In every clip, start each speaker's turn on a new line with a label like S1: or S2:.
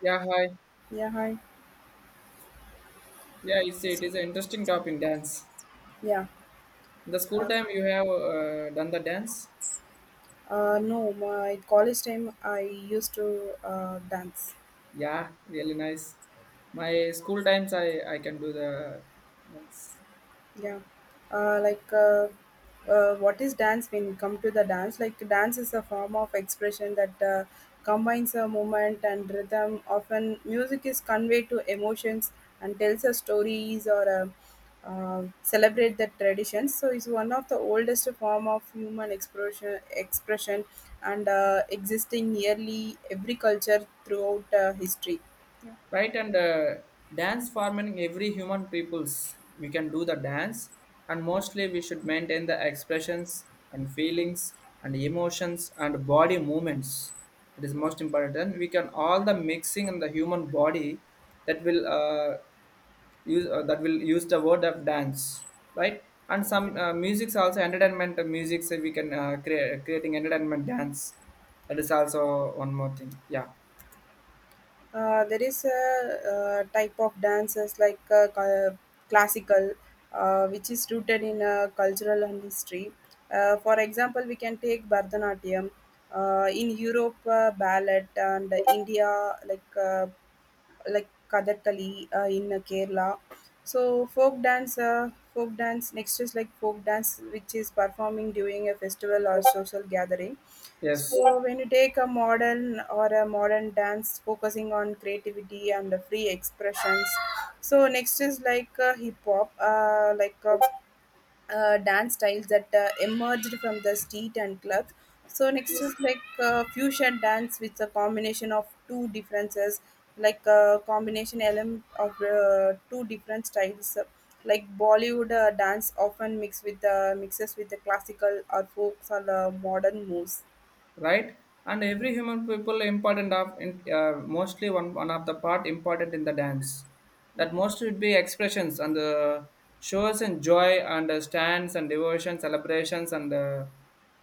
S1: Yeah, hi.
S2: Yeah, hi.
S1: Yeah, it is an interesting topic, dance.
S2: Yeah.
S1: In the
S2: Uh,
S1: school time, you have done the dance.
S2: no, my college time I used to dance.
S1: Yeah, really nice. My school times, I can do the dance.
S2: Yeah. uh, like uh, what is dance? When you come to the dance, like, dance is a form of expression that combines a movement and rhythm, often music is conveyed to emotions and tells a stories or celebrate the traditions. So it's one of the oldest form of human expression and existing nearly every culture throughout history.
S1: Right, and dance forming every human peoples, we can do the dance, and mostly we should maintain the expressions and feelings and emotions and body movements. It is most important we can all the mixing in the human body that will use that will use the word of dance, right? And some music's also entertainment music, so we can create creating entertainment dance. That is also one more thing. Yeah,
S2: There is a type of dances, like classical, which is rooted in cultural and history. For example, we can take Bharatanatyam, in Europe, ballet, and India, like. Like Kathakali in Kerala. So folk dance next is like folk dance, which is performing during a festival or social gathering.
S1: yes,
S2: So when you take a modern or a modern dance, focusing on creativity and the free expressions. So next is like hip hop, dance styles that emerged from the street and clubs. So next is like fusion dance, with a combination of two differences, like a combination element of two different styles, like Bollywood dance, often mixed with mixes with the classical or folks or the modern moves.
S1: right. And every human people important of in, mostly one of the part important in the dance,
S2: Yeah,
S1: that mostly would be expressions and the shows and joy and stands and devotion celebrations and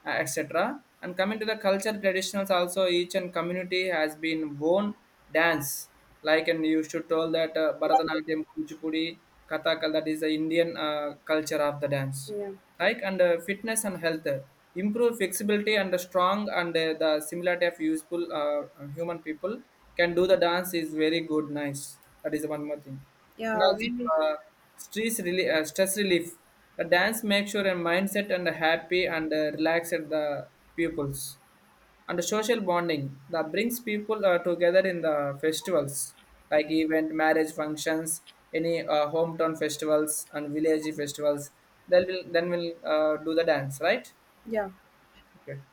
S1: etc. And coming to the culture traditionals also, each and community has been own dance, like. And you should tell that Bharatanatyam, Kuchipudi, Kathakal, that is the Indian culture of the dance,
S2: yeah,
S1: like. And fitness and health, improve flexibility and the strong and the similarity of useful human people can do the dance is very good nice. That is one more thing. And
S2: yeah.
S1: also uh, stress relief, the dance makes sure a mindset and happy and relaxed the pupils, and social bonding that brings people together in the festivals like event marriage functions, any hometown festivals and village festivals, then will do the dance, right?
S2: Yeah.
S1: Okay,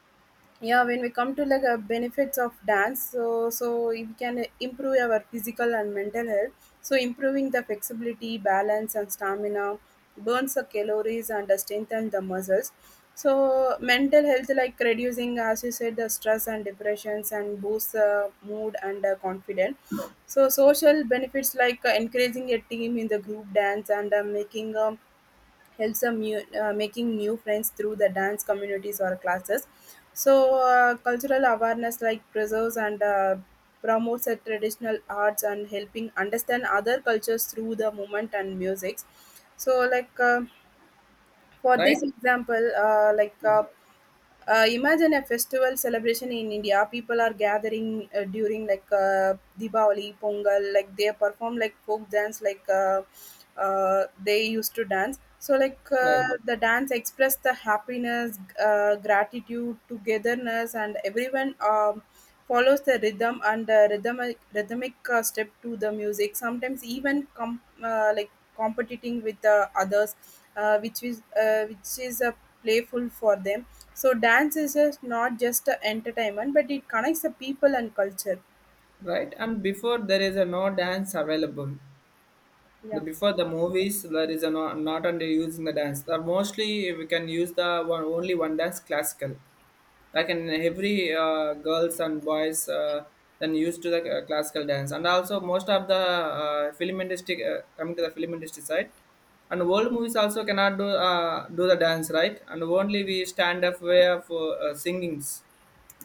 S2: Yeah, when we come to like benefits of dance, so we can improve our physical and mental health, so improving the flexibility, balance and stamina, burns the calories and strengthen the muscles. So mental health, like reducing, as you said, the stress and depressions, and boosts the mood and confidence. So social benefits, like encouraging a team in the group dance and making helps them new, making new friends through the dance communities or classes. So cultural awareness, like preserves and promotes the traditional arts and helping understand other cultures through the movement and music. So like. For
S1: right,
S2: this example, like
S1: yeah.
S2: Imagine a festival celebration in India. People are gathering during like Diwali, Pongal. Like they perform like folk dance, they used to dance. So like
S1: Right,
S2: the dance express the happiness, gratitude, togetherness, and everyone follows the rhythm and rhythmic rhythmic step to the music. Sometimes even competing with the others, which is playful for them. So dance is just not just a entertainment, but it connects the people and culture.
S1: right. And before, there is a no dance available.
S2: Yeah,
S1: Before the movies, there is a no, not only using the dance, the mostly we can use the one, only one dance classical, like. In every girls and boys, then used to the classical dance. And also most of the film industry, coming to the film industry side and world movies, also cannot do do the dance, right? And only we stand up way of singings,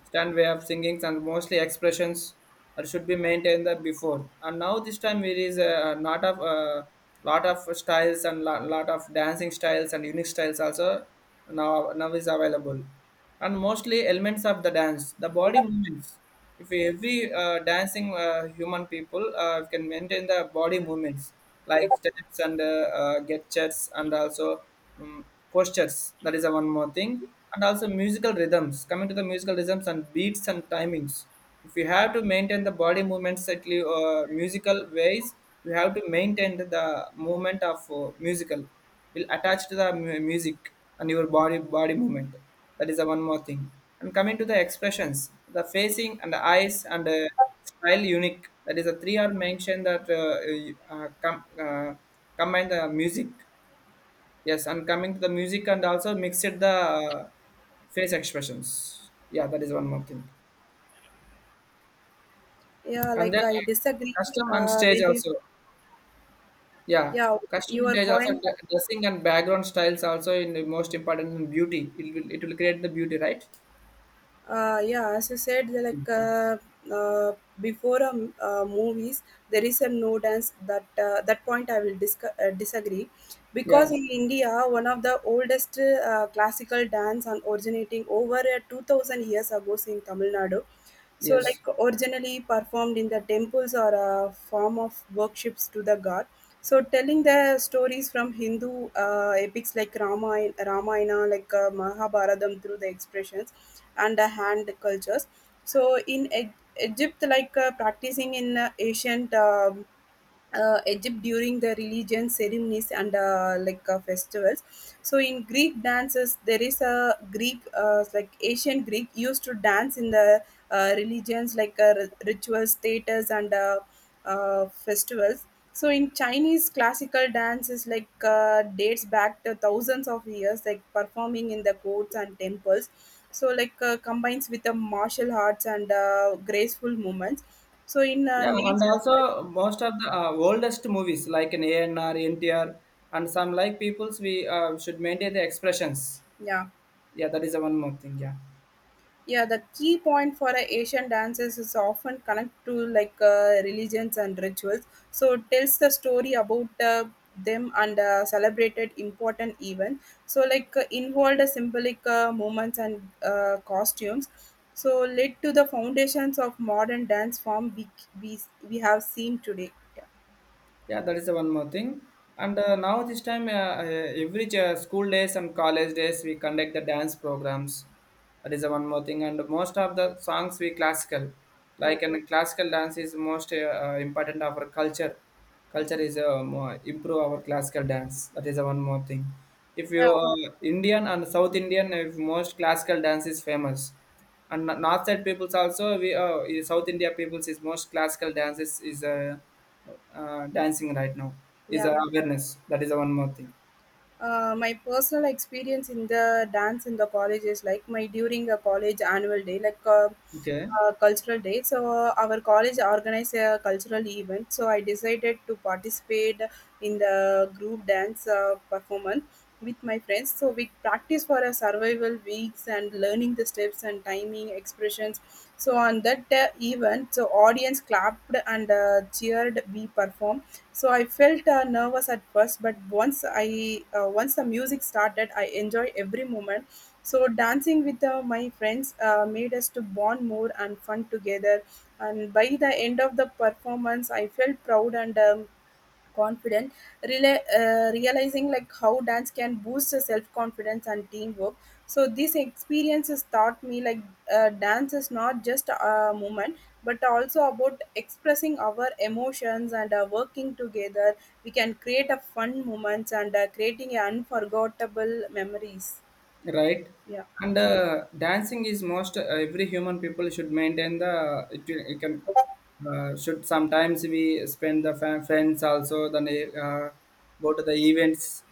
S1: stand way of singings and mostly expressions, that should be maintained that before. And now this time there is a lot of styles and lot of dancing styles and unique styles also now is available. And mostly elements of the dance, the body movements, if every dancing human people can maintain the body movements like steps and gestures and also um, postures, that is a one more thing. And also musical rhythms, coming to the musical rhythms and beats and timings, if you have to maintain the body movements at least, musical ways, you have to maintain the movement of musical will attach to the music and your body movement. That is the one more thing. And coming to the expressions, the facing and the eyes and the style unique, that is the three are mentioned that uh, com- uh, combine the music. Yes, and coming to the music and also mixed the face expressions. Yeah, that is one more thing.
S2: yeah.
S1: And then
S2: Like I disagree.
S1: custom and
S2: Uh,
S1: stage
S2: when you,
S1: also. Yeah,
S2: yeah,
S1: custom and
S2: your
S1: stage also,
S2: point.
S1: dressing and background styles also in the most important in beauty. It will create the beauty, right?
S2: Yeah, as you said, they're like, uh, before movies there is a no dance. That that point I will disagree,
S1: Yeah.
S2: because in India, one of the oldest classical dance and originating over 2000 years ago in Tamil Nadu, so
S1: Yes.
S2: like originally performed in the temples or a form of worships to the god, so telling the stories from Hindu epics like Ramayana, like Mahabharatam through the expressions and the hand cultures. So in Egypt, like practicing in ancient Egypt during the religion ceremonies and festivals. So in Greek dances, there is a Greek, ancient Greek, used to dance in the religions, like ritual status and festivals. So in Chinese classical dance is like, dates back to thousands of years, like performing in the courts and temples. So like combines with the martial arts and graceful movements. So in
S1: Yeah, and
S2: nature,
S1: also most of the oldest movies like an ANR NTR, and some like peoples, we should maintain the expressions.
S2: yeah.
S1: Yeah, that is the one more thing. Yeah,
S2: Yeah, the key point for a Asian dances is often connect to like religions and rituals. So it tells the story about them and celebrated important event. So like involved symbolic movements and costumes. So led to the foundations of modern dance form we, we have seen today. Yeah,
S1: yeah, that is the one more thing. And now this time, every school days and college days, we conduct the dance programs. That is the one more thing. And most of the songs we classical,
S2: yeah,
S1: like. And classical dance is most important of our culture. Culture is more improve our classical dance. That is the one more thing. If you
S2: yeah.
S1: Indian and South Indian, if most classical dance is famous, and North side peoples also, we in South India peoples is most classical dance is dancing right now is
S2: Yeah.
S1: awareness. That is the one more thing.
S2: My personal experience in the dance in the college is like my during the college annual day, like
S1: Okay.
S2: cultural day. So our college organized a cultural event. So I decided to participate in the group dance performance with my friends. So we practice for a survival weeks and learning the steps and timing expressions. So on that event, so audience clapped and cheered. We performed, so I felt nervous at first, but once the music started, I enjoy every moment. So dancing with my friends made us to bond more and fun together. And by the end of the performance, I felt proud and confident, realizing like how dance can boost the self-confidence and teamwork. So these experiences taught me like dance is not just a movement, but also about expressing our emotions and working together. We can create a fun moments and creating unforgettable memories.
S1: Right,
S2: Yeah.
S1: and dancing is most every human people should maintain the it can should sometimes we spend the friends also, then uh, go to the events,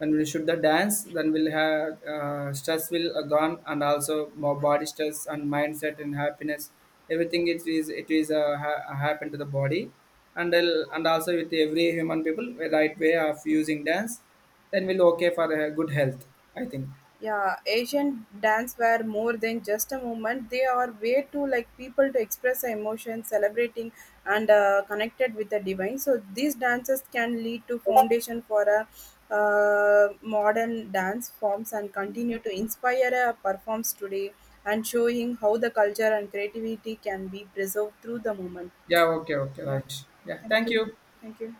S1: and we should the dance, then we'll have stress will gone, and also more body stress and mindset and happiness, everything. It is happen to the body. And and also with every human people the right way of using dance, then we'll okay for good health, I think.
S2: Yeah, Asian dance were more than just a movement. They are way to like people to express their emotions, celebrating and connected with the divine. So these dances can lead to foundation for a modern dance forms and continue to inspire a performs today, and showing how the culture and creativity can be preserved through the movement.
S1: Yeah, okay, okay,
S2: Yeah,
S1: right. Yeah,
S2: thank
S1: thank
S2: you,
S1: you.
S2: thank you.